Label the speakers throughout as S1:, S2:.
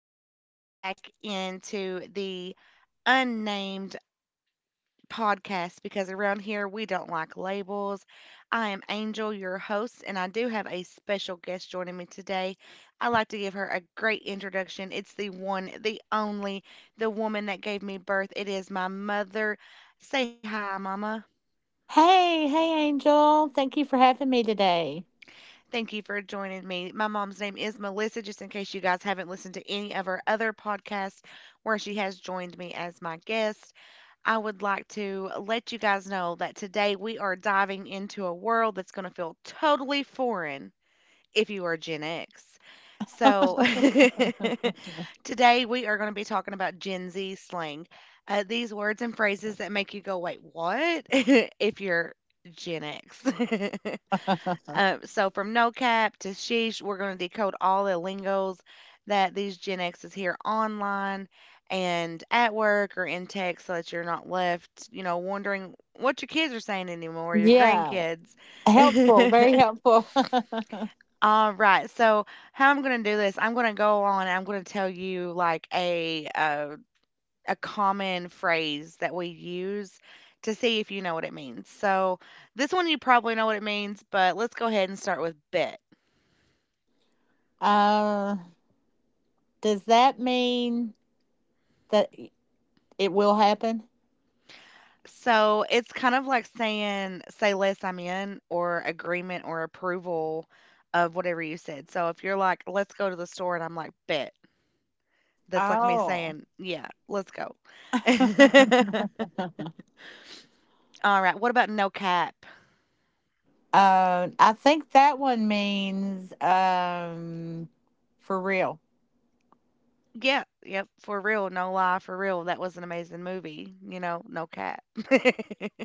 S1: you for joining back into the unnamed podcast because around here we don't like labels. I am Angel, your host, and I do have a special guest joining me today. I'd like to give her a great introduction. It's the one, the only, the woman that gave me birth. It is my mother. Say hi, Mama.
S2: Hey, hey, Angel. Thank you for having me today.
S1: Thank you for joining me. My mom's name is Melissa, just in case you guys haven't listened to any of her other podcasts where she has joined me as my guest. I would like to let you guys know that today we are diving into a world that's going to feel totally foreign if you are Gen X. So, today we are going to be talking about Gen Z slang. These words and phrases that make you go, wait, what? If you're Gen X. Uh, so from no cap to sheesh, we're going to decode all the lingos that these Gen Xs hear online and at work or in text so that you're not left, wondering what your kids are saying anymore, your
S2: Yeah,
S1: grandkids.
S2: helpful, very helpful.
S1: All right. So how I'm going to do this, I'm going to tell you like a common phrase that we use to see if you know what it means. So this one you probably know what it means, but let's go ahead and start with bit.
S2: Uh, does that mean that y- it will happen?
S1: So it's kind of like saying, say less, I'm in, or agreement or approval of whatever you said. So if you're like, let's go to the store, and I'm like, bet. That's like me
S2: Oh.
S1: saying, yeah, let's go.
S2: Uh,
S1: All right. What about no cap?
S2: I think that one means for real.
S1: Yeah. Yep. For real. No lie. For real. That was an amazing movie. You know, no cap.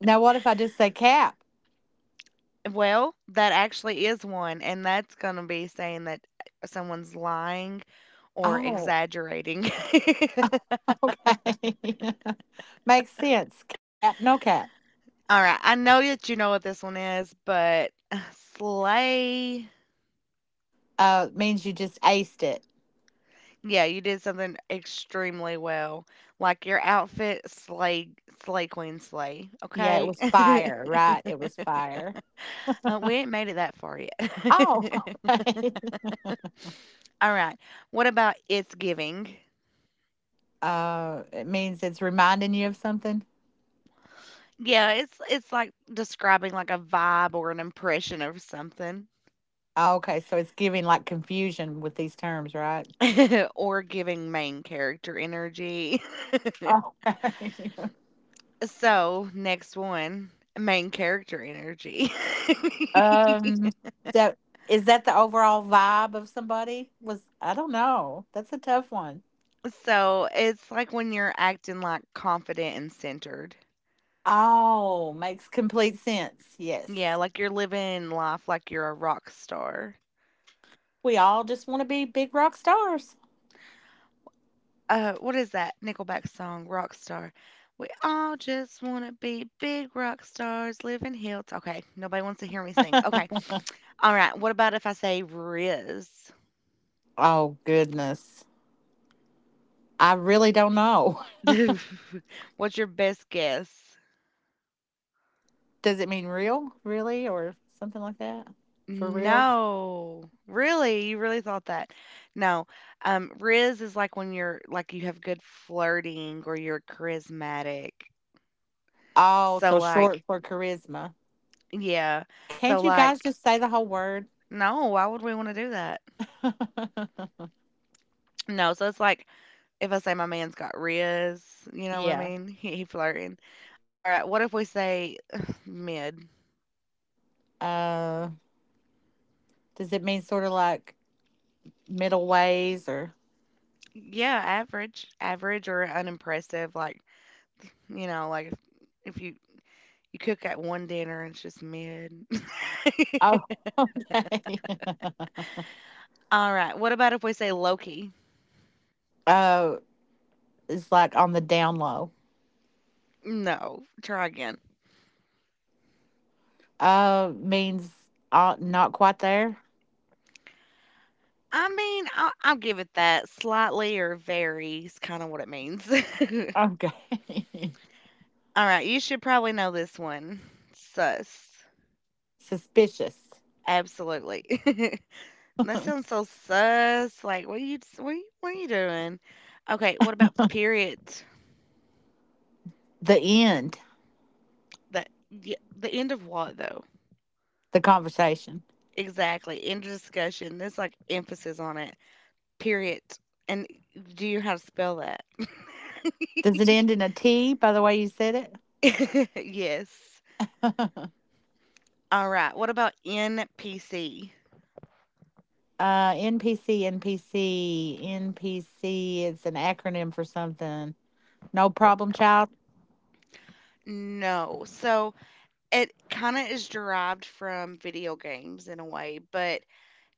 S2: Now, what if I just say cap?
S1: Well, that actually is one, and that's going to be saying that someone's lying or
S2: Oh,
S1: exaggerating.
S2: okay. Makes sense. Cap, no cap.
S1: Alright, I know that you know what this one is, but slay.
S2: Means you just aced it.
S1: Yeah, you did something extremely well. Like, your outfit, slay, slay, queen, slay,
S2: Yeah, it
S1: okay?
S2: was fire, right? It was fire.
S1: We ain't made it that far
S2: Oh,
S1: yet.
S2: okay.
S1: Alright, what about It's Giving?
S2: It means it's reminding you of something.
S1: Yeah, it's like describing, like, a vibe or an impression of something,
S2: Oh, okay, so it's giving like confusion with these terms, right?
S1: or giving main character energy.
S2: Oh.
S1: So, next one, main character energy.
S2: um. So is that the overall vibe of somebody? Was I don't know. That's a tough one.
S1: So, it's like when you're acting, like, confident and centered.
S2: Oh, makes complete sense.
S1: Yeah,
S2: Yes.
S1: like you're living life like you're a rock star.
S2: We all just want to be big rock stars.
S1: What is that Nickelback song, Rock Star? We all just wanna be big rock stars living hill. Okay, nobody wants to hear me sing. Okay. Alright, what about if I say Riz?
S2: Oh, goodness. I really don't know.
S1: What's your best guess?
S2: Does it mean real, really, or something like that? For reals?
S1: No. Really? You really thought that? No. Riz is like when you have good flirting or you're charismatic.
S2: Oh,
S1: So
S2: so
S1: like,
S2: short for charisma.
S1: yeah. So
S2: Can't you guys
S1: like,
S2: just say the whole word?
S1: no, why would we want to do that? No, so it's like if I say my man's got riz, you know what I
S2: Yeah.
S1: mean? He flirting. All right, what if we say mid?
S2: Uh, does it mean sort of like middle ways or?
S1: Yeah, average, average or unimpressive. Like, you know, like if you you cook at one dinner and it's just mid.
S2: Oh, okay.
S1: Alright, what about if we say Loki?
S2: Oh, it's like on the down low.
S1: No, try again.
S2: Means not quite there.
S1: I mean, I'll give it that. Slightly or very is kind of what it means.
S2: Okay.
S1: All right, you should probably know this one. Sus.
S2: Suspicious.
S1: Absolutely. That sounds so sus. Like, what are you doing? Okay, what about period?
S2: The end.
S1: That y the end of what though?
S2: The conversation.
S1: Exactly. End of discussion. There's like emphasis on it. Period. And do you know how to spell that?
S2: Does it end in a T by the way you said it?
S1: Yes.
S2: uh,
S1: All right. What about NPC?
S2: NPC, NPC, NPC. It's an acronym for something. No problem, child.
S1: No. So it kind of is derived from video games in a way, but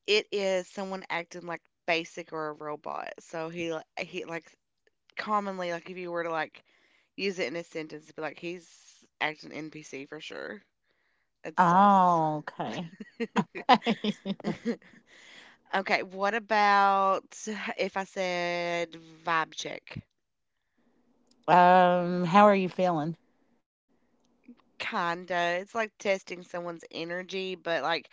S1: it is someone acting like basic or a robot. So he li- he like commonly, like if you were to like use it in a sentence, it'd be like he's acting NPC for sure. It's sus.
S2: Oh, okay.
S1: Okay. What about if I said vibe check?
S2: How are you feeling?
S1: Kinda. It's like testing someone's energy, but like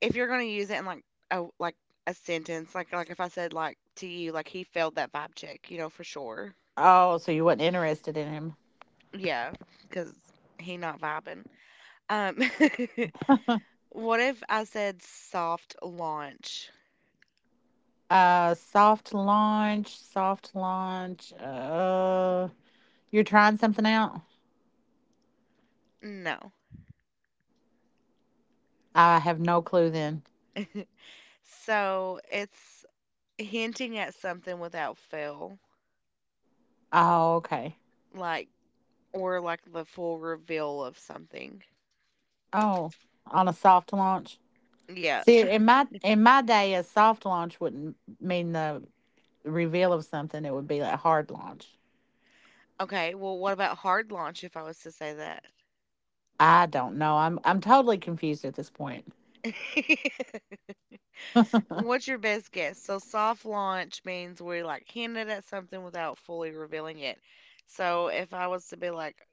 S1: if you're gonna use it in a like a sentence, if I said like to you, like he failed that vibe check, you know for sure.
S2: Oh, so you wasn't interested in him.
S1: Yeah, because he not vibing. Um, what if I said soft launch?
S2: Soft launch, soft launch. You're trying something out?
S1: No.
S2: I have no clue then.
S1: So it's hinting at something without fail,
S2: Oh, okay.
S1: like or like the full reveal of something.
S2: Oh, on a soft launch?
S1: Yeah.
S2: See, in my day, a soft launch wouldn't mean the reveal of something. It would be a hard launch.
S1: Okay. Well, what about hard launch? If I was to say that.
S2: I don't know. I'm totally confused at this point.
S1: What's your best guess? So soft launch means we're like hinted at something without fully revealing it. So if I was to be like,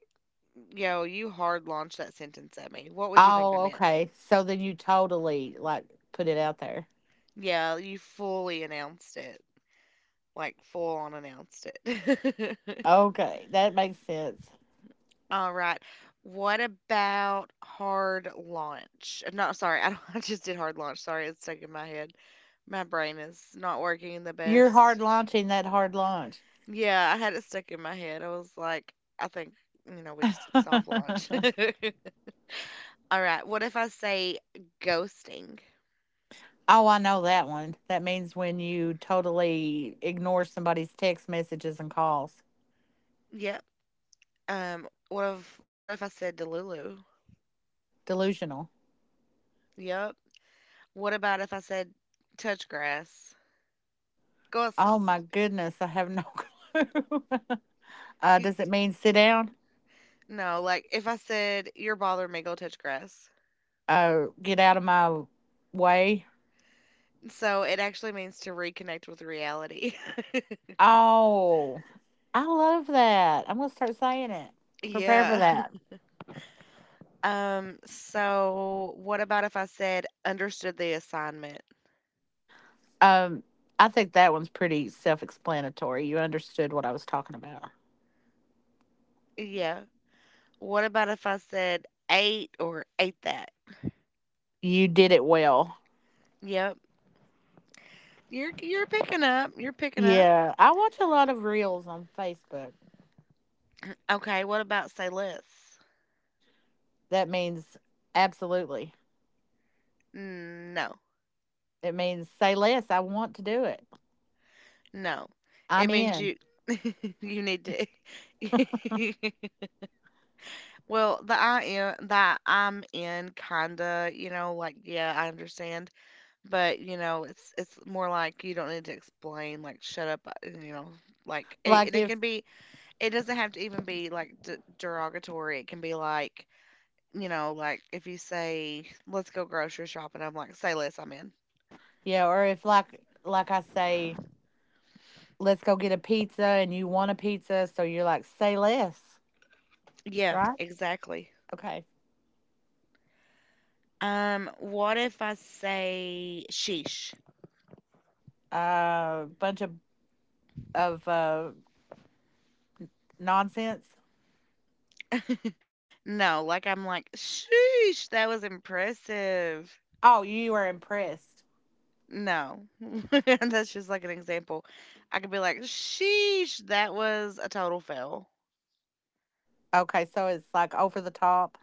S1: yo, you hard launched that sentence at me, what would you think
S2: Oh,
S1: I meant?
S2: okay. So then you totally like put it out there.
S1: Yeah, you fully announced it, like full on announced it.
S2: Okay, that makes sense.
S1: All right. What about hard launch? No, sorry, I, don't, I just did hard launch. Sorry, it's stuck in my head. My brain is not working the
S2: You're hard
S1: best.
S2: launching that hard launch.
S1: Yeah, I had it stuck in my head. I was like, I think, you know, we just
S2: Oh,
S1: did soft launch. All right. What if I say ghosting?
S2: I know that one. That means when you totally ignore somebody's text messages and calls.
S1: Yep. What if I said Delulu?
S2: Delusional.
S1: Yep. What about if I said touch grass? Go s-
S2: Oh my goodness, I have no clue.
S1: y-
S2: Does it mean sit down?
S1: no, like if I said you're bothering me, go touch grass.
S2: Get out of my way.
S1: So it actually means to reconnect with reality.
S2: Oh, I love that. I'm gonna start saying it. Prepare for
S1: Yeah.
S2: that.
S1: So what about if I said understood the assignment?
S2: Um, I think that one's pretty self-explanatory. You understood what I was talking about.
S1: Yeah. What about if I said ate or ate that?
S2: You did it well.
S1: Yep. You're picking up. You're picking up.
S2: Yeah, I watch a lot of reels on Facebook.
S1: Okay, what about say less?
S2: That means absolutely.
S1: No.
S2: It means say less. I want to do it.
S1: No. It
S2: I'm
S1: means
S2: in.
S1: you you need to Well, the I am that I'm in kinda, you know, like yeah, I understand, but you know, it's more like you don't need to explain like shut up, you know, like it,
S2: Like
S1: and it
S2: if
S1: can be it doesn't have to even be like d derogatory. It can be like, you know, like if you say, let's go grocery shopping, I'm like, say less, I'm in.
S2: Yeah, or if like I say, let's go get a pizza and you want a pizza, so you're like, say less,
S1: Yeah,
S2: right?
S1: exactly.
S2: Okay.
S1: What if I say sheesh?
S2: Bunch of nonsense.
S1: No, like I'm like, sheesh, that was impressive.
S2: Oh, you were impressed.
S1: No, that's just like an example. I could be like, sheesh, that was a total fail.
S2: Okay, so it's like over the top.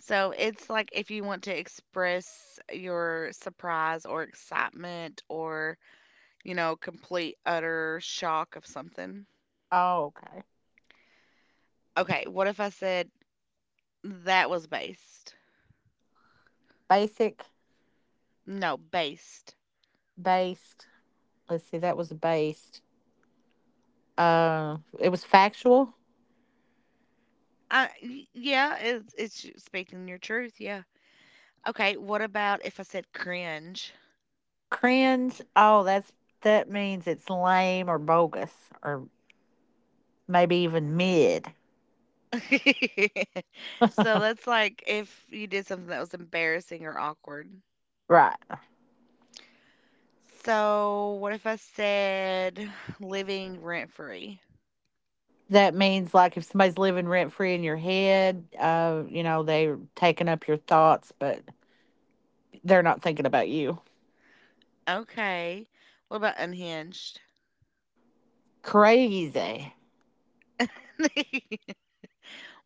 S1: So it's like if you want to express your surprise or excitement or, you know, complete utter shock of something.
S2: Oh, okay.
S1: Okay, what if I said that was based?
S2: Basic.
S1: No, based.
S2: Based, let's see, that was based, it was factual.
S1: Yeah, it's you speaking your truth. Yeah. Okay, what about if I said cringe?
S2: Cringe. That means it's lame or bogus, or maybe even mid.
S1: So that's like if you did something that was embarrassing or awkward.
S2: Right.
S1: So what if I said living rent free?
S2: That means like if somebody's living rent free in your head, you know, they're taking up your thoughts, but they're not thinking about you.
S1: Okay. What about unhinged?
S2: Crazy.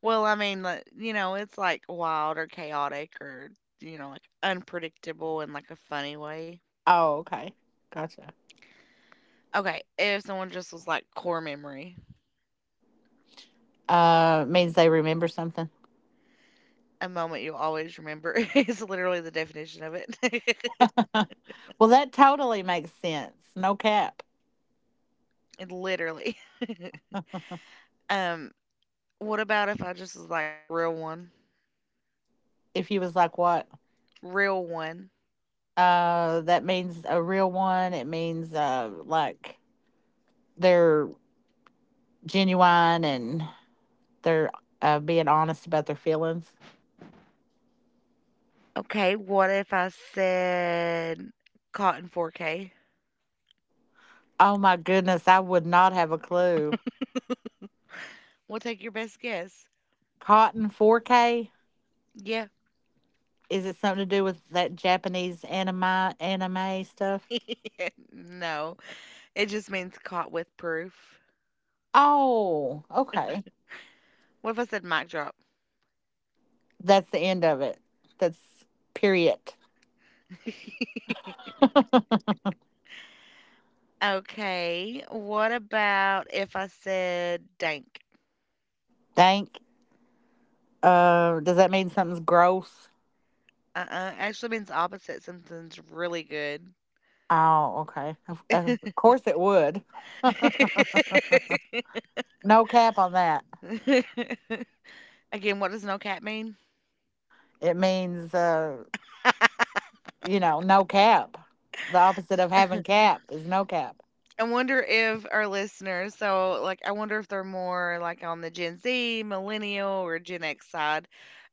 S1: Well, I mean, like, you know, it's like wild or chaotic or, you know, like unpredictable in like a funny way.
S2: Oh, okay. Gotcha.
S1: Okay, if someone just was like core memory,
S2: Means they remember something.
S1: a moment you'll always remember is literally the definition of it.
S2: Well, that totally makes sense. No cap.
S1: It literally. Um, what about if I just was like real one?
S2: If he was like, what?
S1: Real one.
S2: That means a real one. It means like they're genuine and they're being honest about their feelings.
S1: Okay, what if I said cotton 4K?
S2: Oh my goodness, I would not have a clue.
S1: We'll take your best guess.
S2: Cotton 4K?
S1: Yeah.
S2: Is it something to do with that Japanese anime stuff?
S1: No, it just means caught with proof.
S2: Oh, okay.
S1: What if I said mic drop?
S2: That's the end of it. That's period.
S1: Okay. What about if I said dank?
S2: Thank. Does that mean something's gross?
S1: Uh-uh. Actually means opposite. Something's really good.
S2: Oh, okay. Of course it would. No cap on that.
S1: Again, what does no cat mean?
S2: It means, no cap. The opposite of having cap is no cap.
S1: I wonder if our listeners, so like, I wonder if they're more like on the Gen Z, millennial, or Gen X side,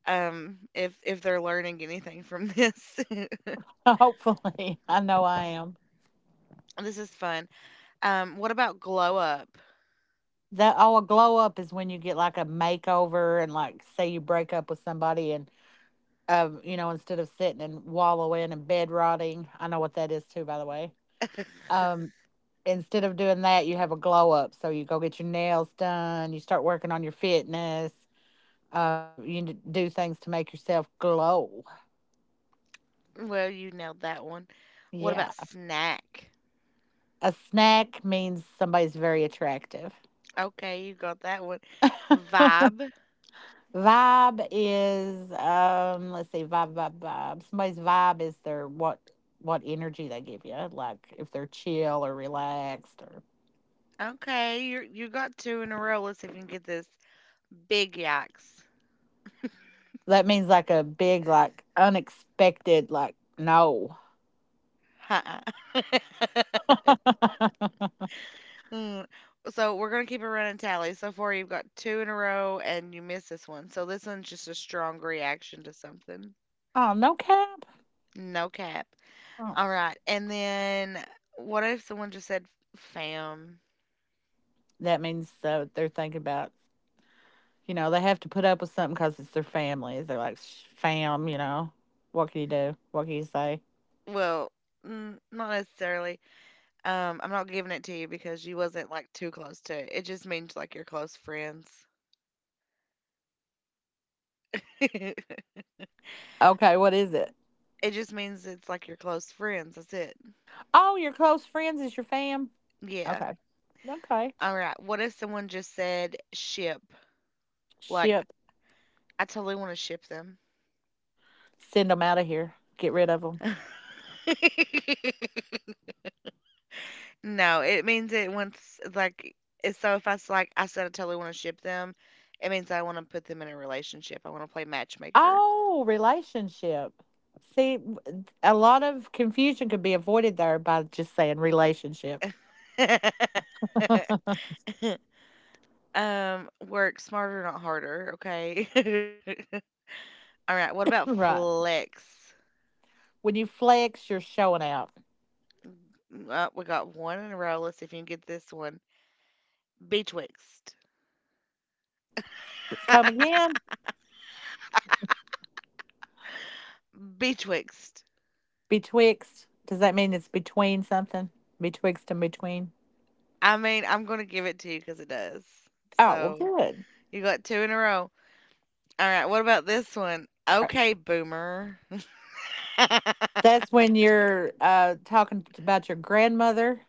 S1: if they're learning anything from this.
S2: Hopefully, I know I am.
S1: This is fun. What about glow up?
S2: A glow up is when you get like a makeover, and like, say you break up with somebody, and instead of sitting and wallowing and bed rotting, I know what that is too, by the way. Um Instead of doing that, you have a glow up. So you go get your nails done, you start working on your fitness, you do things to make yourself glow.
S1: Well, you nailed that one. What
S2: Yeah.
S1: about snack?
S2: A snack means somebody's very attractive.
S1: Okay, you got that one. Vibe.
S2: Vibe is, let's see, vibe, vibe, vibe. Somebody's vibe is their what energy they give you. Like if they're chill or relaxed, or
S1: Okay, you got two in a row. Let's see if you can get this. Big yikes.
S2: that means like a big, like unexpected, like, no.
S1: Huh.
S2: Oh,
S1: Mm, so we're gonna keep a running tally. So far, you've got two in a row, and you missed this one. So this one's just a strong reaction to something.
S2: no cap.
S1: No cap.
S2: Oh.
S1: All right, and then what if someone just said "fam"?
S2: That means they're thinking about, they have to put up with something because it's their family. They're like, Fam, what can you do? What can you say?"
S1: Well, mm, not necessarily. I'm not giving it to you because you wasn't like too close to it. It just means like you're close friends.
S2: Okay, what is it?
S1: It just means it's like you're close friends. That's it.
S2: Oh, your close friends is your fam.
S1: Yeah.
S2: Okay. Okay.
S1: All right. What if someone just said ship? Like,
S2: Ship.
S1: I totally want to ship them.
S2: Send them out of here. Get rid of them.
S1: No, it means it once like it's so if like I said I totally want to ship them, it means I want to put them in a relationship. I want to play matchmaker.
S2: Oh, relationship. See, a lot of confusion could be avoided there by just saying relationship.
S1: Work smarter, not harder, okay? All right, what about
S2: Right.
S1: flex?
S2: When you flex, you're showing out.
S1: We got one in a row. Let's see if you can get this one. Betwixt.
S2: Come again?
S1: Betwixt.
S2: Betwixt. Does that mean it's between something? Betwixt and between?
S1: I mean, I'm going to give it to you because it does.
S2: Oh, well,
S1: So
S2: good.
S1: you got two in a row. All right, what about this one?
S2: Uh,
S1: Okay, boomer.
S2: That's when you're talking about your grandmother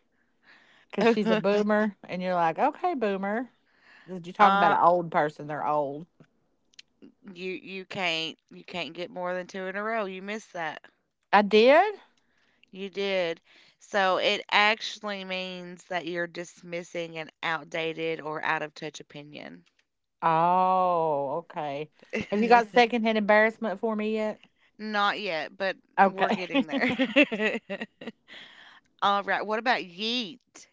S2: because she's a boomer and you're like, okay, boomer. You're talking about
S1: uh,
S2: an old person. They're old.
S1: you can't you can't get more than two in a row. You missed that.
S2: I did?
S1: You did. So it actually means that you're dismissing an outdated or out of touch opinion.
S2: Oh, okay. Have you got secondhand embarrassment for me yet?
S1: Not yet, but we're
S2: Okay.
S1: getting there. All right. What about yeet?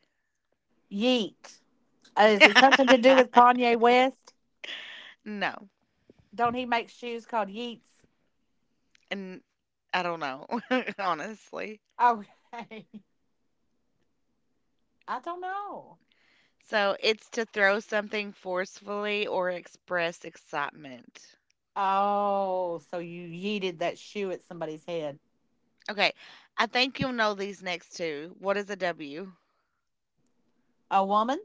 S2: Yeet. Is it something to do with Kanye West?
S1: No.
S2: Don't he make shoes called Yeets?
S1: And I don't know, honestly.
S2: Okay. I don't know.
S1: So it's to throw something forcefully or express excitement.
S2: Oh, so you yeeted that shoe at somebody's head.
S1: Okay. I think you'll know these next two. What is a W?
S2: A woman?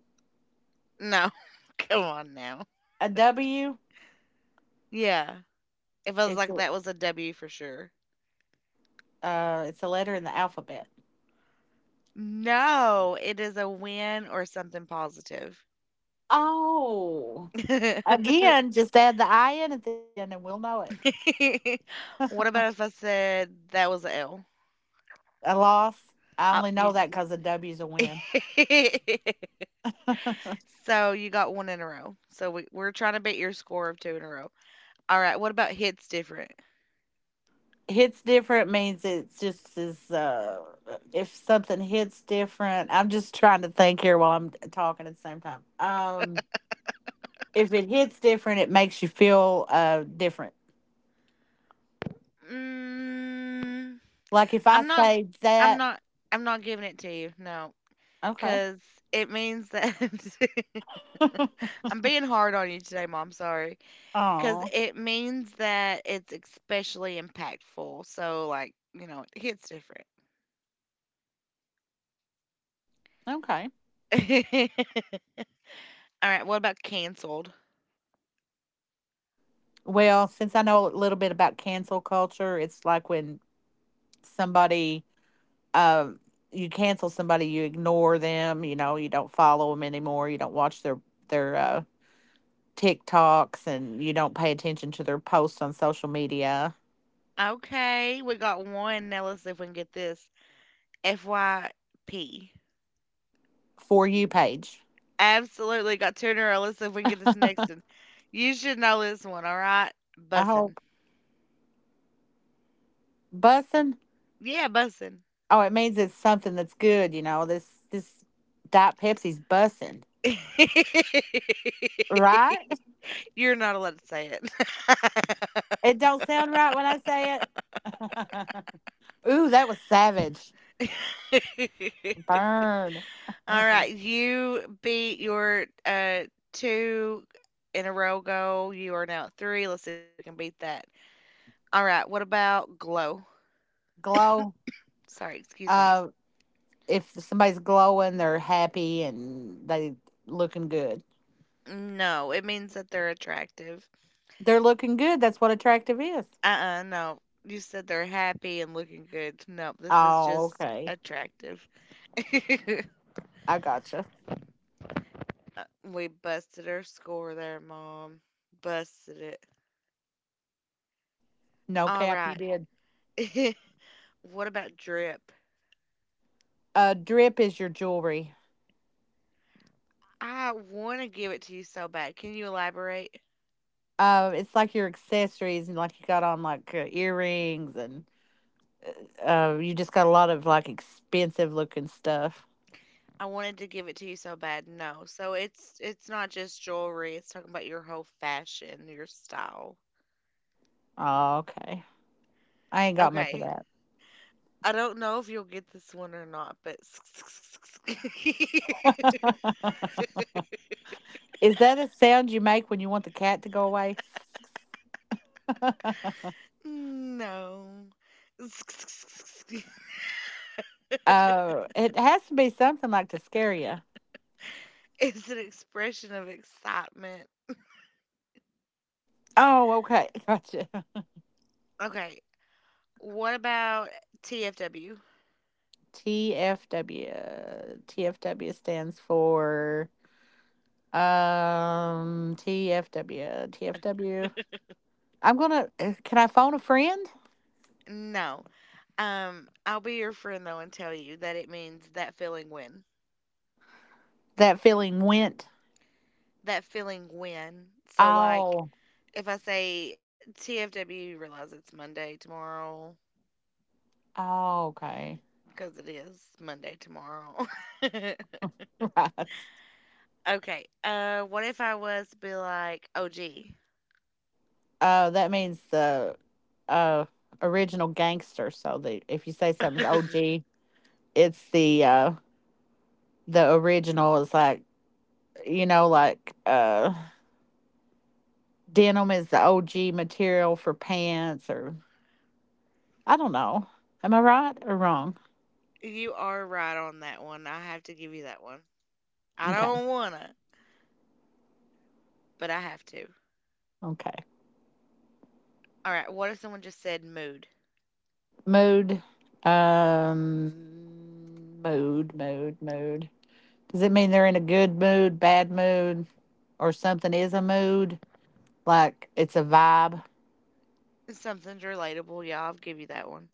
S1: No. Come on now.
S2: A W?
S1: Yeah. It feels
S2: It's
S1: like
S2: a-
S1: that was a W for sure.
S2: it's a letter in the alphabet.
S1: No, it is a win or something positive.
S2: Oh. Again, just add the I in at the end and we'll know it.
S1: What about if I said that was a L?
S2: A loss. I only
S1: You.
S2: know that because a W is a win.
S1: So you got one in a row. So we're trying to beat your score of two in a row. All right. What about hits different?
S2: Hits different means, it's just is if something hits different, I'm just trying to think here while I'm talking at the same time. If it hits different, it makes you feel different,
S1: Mm,
S2: like if I
S1: I'm not.
S2: say
S1: I'm
S2: that.
S1: not. I'm not giving it to you. No,
S2: Okay.
S1: because it means that I'm being hard on you today, Mom. Sorry. Because
S2: Oh,
S1: it means that it's especially impactful. So like, you know, it hits different.
S2: okay.
S1: Alright, what about canceled?
S2: Well, since I know a little bit about cancel culture, it's like when somebody um you cancel somebody, you ignore them, you don't follow them anymore, you don't watch their TikToks, and you don't pay attention to their posts on social media.
S1: Okay, we got one. Now let's see if we can get this. FYP.
S2: For you page.
S1: Absolutely got two in a row. Let's see if we can get this next one. You should know this one, all right?
S2: I
S1: Bussin'.
S2: hope. Bussin.
S1: Yeah, bussin'.
S2: Oh, it means it's something that's good. You know this Diet Pepsi's bussin, right?
S1: You're not allowed to say it.
S2: It don't sound right when I say it. Ooh, that was savage. Burn.
S1: All right, you beat your two in a row goal. You are now at three. Let's see if we can beat that. All right, what about glow?
S2: Glow.
S1: Sorry, excuse me.
S2: Uh, if somebody's glowing, they're happy and they looking good.
S1: No, it means that they're attractive.
S2: They're looking good. That's what attractive is.
S1: Uh-uh, no. You said they're happy and looking good. No, this is
S2: Oh,
S1: just
S2: okay.
S1: attractive.
S2: I gotcha.
S1: We busted our score there, Mom. Busted it.
S2: No
S1: All
S2: cap, you
S1: right.
S2: did.
S1: What about drip?
S2: Drip is your jewelry.
S1: I want to give it to you so bad. Can you elaborate?
S2: It's like your accessories, and like you got on like earrings, and you just got a lot of like expensive looking stuff.
S1: I wanted to give it to you so bad. No. So it's not just jewelry. It's talking about your whole fashion, your style.
S2: Oh, okay. I ain't got much of
S1: Okay. I don't know if you'll get this one or not, but
S2: that. Is that a sound you make when you want the cat to go away?
S1: no.
S2: It has to be something like to scare you.
S1: It's an expression of excitement.
S2: Oh, okay. Gotcha.
S1: Okay, what about TFW?
S2: TFW. TFW stands for, TFW, TFW. I'm gonna. Can I phone a friend?
S1: No. I'll be your friend though and tell you that it means that feeling when.
S2: That feeling went.
S1: That feeling when. So like
S2: Oh,
S1: if I say TFW, you realize it's Monday tomorrow
S2: oh, okay,
S1: because it is Monday tomorrow.
S2: right.
S1: Okay. What if I was to be like, "Oh, gee,
S2: Oh, that means the uh original gangster. So the if you say something's OG, it's the original, is like, like, denim is the OG material for pants, or I don't know. Am I right or wrong?
S1: you are right on that one. I have to give you that one. I
S2: Okay,
S1: don't wanna, but I have to."
S2: okay.
S1: All right. What if someone just said mood?
S2: Mode. Mode, mode, mode. Does it mean they're in a good mood, bad mood, or something is a mood? Like it's a vibe.
S1: Something's relatable. Yeah, I'll give you that one.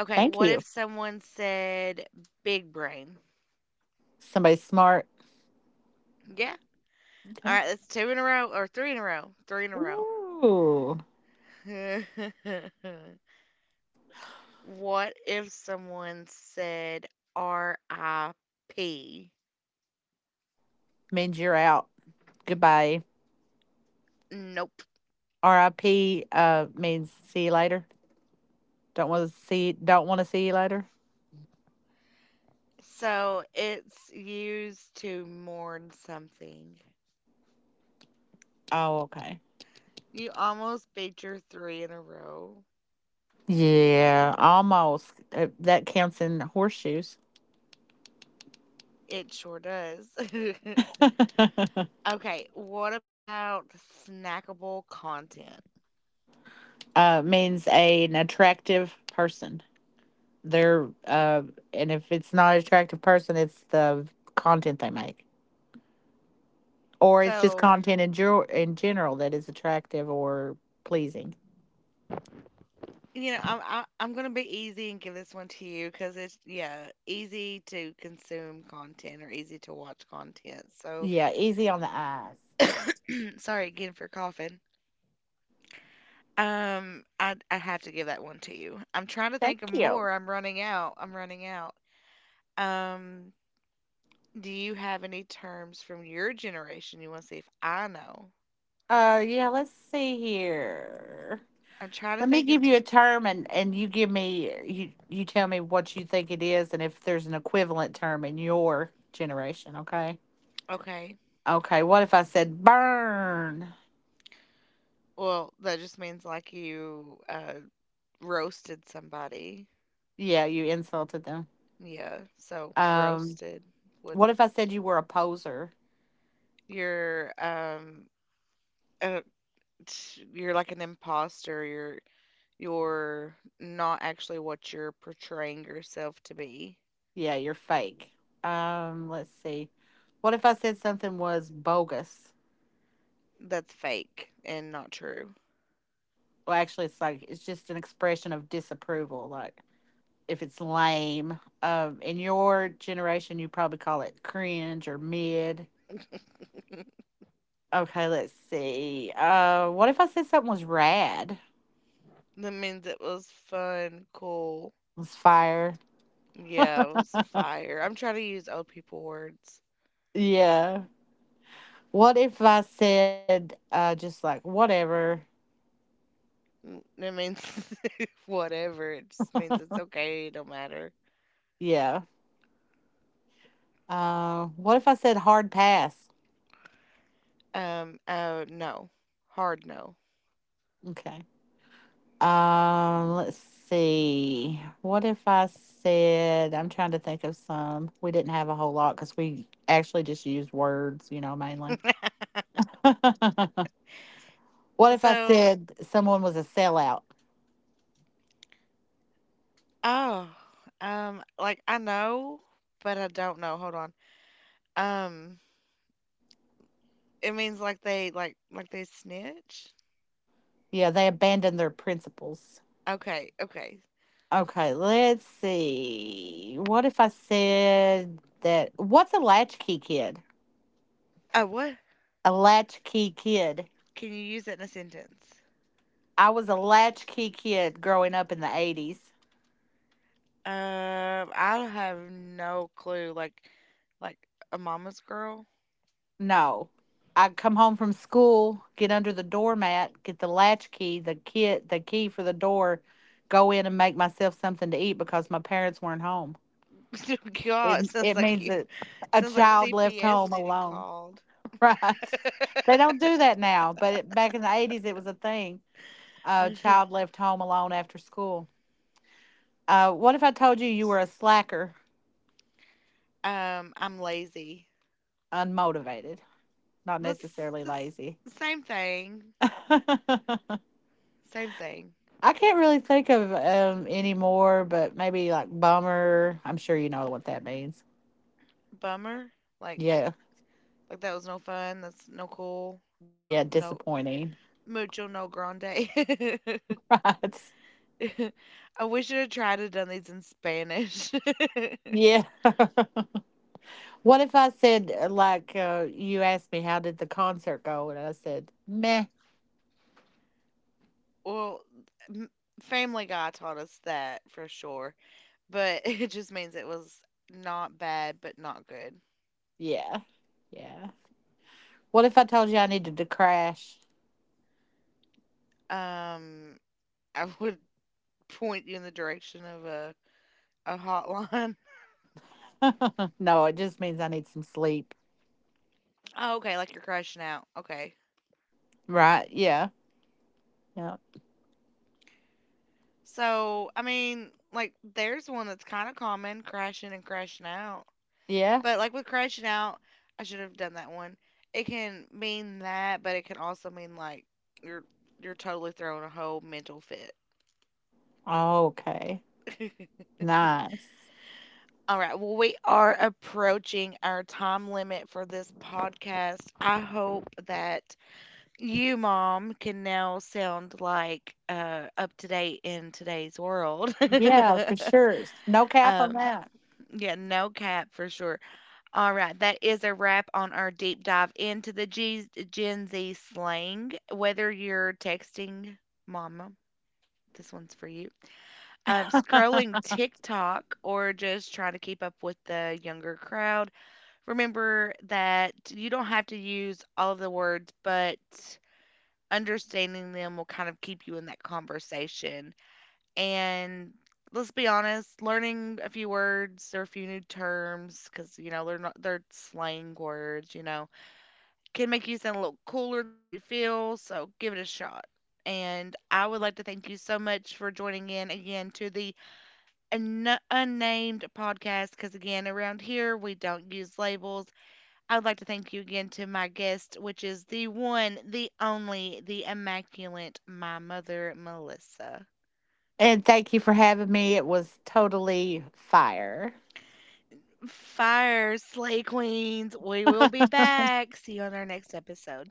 S1: Okay.
S2: Thank
S1: What if
S2: you.
S1: someone said big brain?
S2: Somebody smart.
S1: Yeah. All
S2: Okay.
S1: right. That's two in a row or three in a row. Three in a row.
S2: Ooh.
S1: What if someone said RIP?
S2: Means you're out. Goodbye.
S1: Nope.
S2: R.I.P. Means see you later. Don't want to see. Don't want to see you later.
S1: So it's used to mourn something.
S2: Oh, okay.
S1: You almost beat your three in a row.
S2: Yeah, almost. That counts in horseshoes.
S1: It sure does. Okay, what about snackable content?
S2: Means an attractive person. They're And if it's not an attractive person, it's the content they make, or it's just
S1: So,
S2: content in in general that is attractive or pleasing.
S1: you know, I'm gonna be easy and give this one to you because it's, yeah, easy to consume content or easy to watch content. So,
S2: Yeah, easy on the eyes.
S1: sorry again for coughing. I have to give that one to you. I'm trying to
S2: Thank
S1: think of
S2: you.
S1: more. I'm running out. I'm running out. Um, do you have any terms from your generation you want to see if I know?
S2: Yeah. Let's see here.
S1: I'm trying to
S2: Let me
S1: think of,
S2: give you a term, and you give me, you tell me what you think it is, and if there's an equivalent term in your generation. Okay.
S1: okay.
S2: Okay. What if I said burn?
S1: Well, that just means like you roasted somebody.
S2: Yeah, you insulted them.
S1: Yeah, so
S2: Um,
S1: roasted would
S2: what if I said you were a poser?
S1: you're um uh, you're like an imposter. You're not actually what you're portraying yourself to be.
S2: Yeah, you're fake. Let's see. What if I said something was bogus?
S1: That's fake and not true.
S2: Well, actually, it's just an expression of disapproval. Like if it's lame. In your generation, you probably call it cringe or mid. Okay, let's see. What if I said something was rad?
S1: That means it was fun, cool.
S2: Was fire?
S1: Yeah, it was fire. I'm trying to use old people words.
S2: Yeah. What if I said just like whatever?
S1: It means whatever. It just means it's okay. It don't matter.
S2: Yeah. What if I said hard pass?
S1: No. Hard no.
S2: Okay. Let's see. What if I said, I'm trying to think of some. We didn't have a whole lot because we actually just used words, mainly. What if I
S1: So.
S2: said someone was a sellout?
S1: Oh. Like I know, but I don't know. Hold on. Um. It means like they like they snitch.
S2: Yeah, they abandoned their principles.
S1: Okay. Okay.
S2: Okay, let's see. What if I said that? What's a latchkey kid?
S1: What?
S2: A latchkey kid.
S1: Can you use it in a sentence?
S2: I was a latchkey kid growing up in the 80s.
S1: I have no clue. Like a mama's girl.
S2: No. I'd come home from school, get under the doormat, get the latch key, the key for the door, go in and make myself something to eat because my parents weren't home.
S1: Oh God,
S2: It it means that a
S1: sounds like
S2: child left
S1: CPS
S2: home
S1: needed
S2: alone,
S1: called.
S2: right? They don't do that now, but back in the 80s, it was a thing. A child left home alone after school. What if I told you you were a slacker,
S1: I'm lazy.
S2: unmotivated, not
S1: That's
S2: necessarily
S1: it's
S2: lazy?
S1: same thing. Same thing.
S2: I can't really think of anymore, but maybe like bummer. I'm sure you know what that means.
S1: Bummer. Like
S2: Yeah.
S1: like that was no fun. That's no cool.
S2: Yeah,
S1: No no
S2: disappointing.
S1: mucho no grande. I
S2: Right.
S1: wish I had tried to done these in Spanish.
S2: Yeah. What if I said, like, you asked me how did the concert go and I said meh.
S1: Well, m- Family Guy taught us that for sure, but it just means it was not bad but not good.
S2: Yeah. Yeah. What if I told you I needed to crash?
S1: Um, I would point you in the direction of a hotline.
S2: No, it just means I need some sleep.
S1: Oh, okay, like you're crashing out. Okay.
S2: Right. Yeah. Yeah.
S1: So, I mean, like there's one that's kind of common, crashing and crashing out.
S2: Yeah.
S1: But like with crashing out, I should have done that one. It can mean that, but it can also mean like you're you're totally throwing a whole mental fit.
S2: Oh, okay. Nice.
S1: All right. Well, we are approaching our time limit for this podcast. I hope that you, Mom, can now sound like, up to date in today's world.
S2: Yeah, for sure. No cap on
S1: Um,
S2: that.
S1: yeah, no cap for sure. All right, that is a wrap on our deep dive into the Gen Z slang. Whether you're texting mama, this one's for you, scrolling TikTok, or just trying to keep up with the younger crowd, remember that you don't have to use all of the words, but understanding them will kind of keep you in that conversation. And let's be honest, learning a few words or a few new terms, because you know they're not they're slang words, you know, can make you sound a little cooler than you feel. So give it a shot. And I would like to thank you so much for joining in again to the unnamed podcast. Because again, around here we don't use labels. I would like to thank you again to my guest, which is the one, the only, the immaculate, my mother, Melissa.
S2: And thank you for having me. It was totally fire.
S1: Fire, Slay Queens. We will be back. See you on our next episode.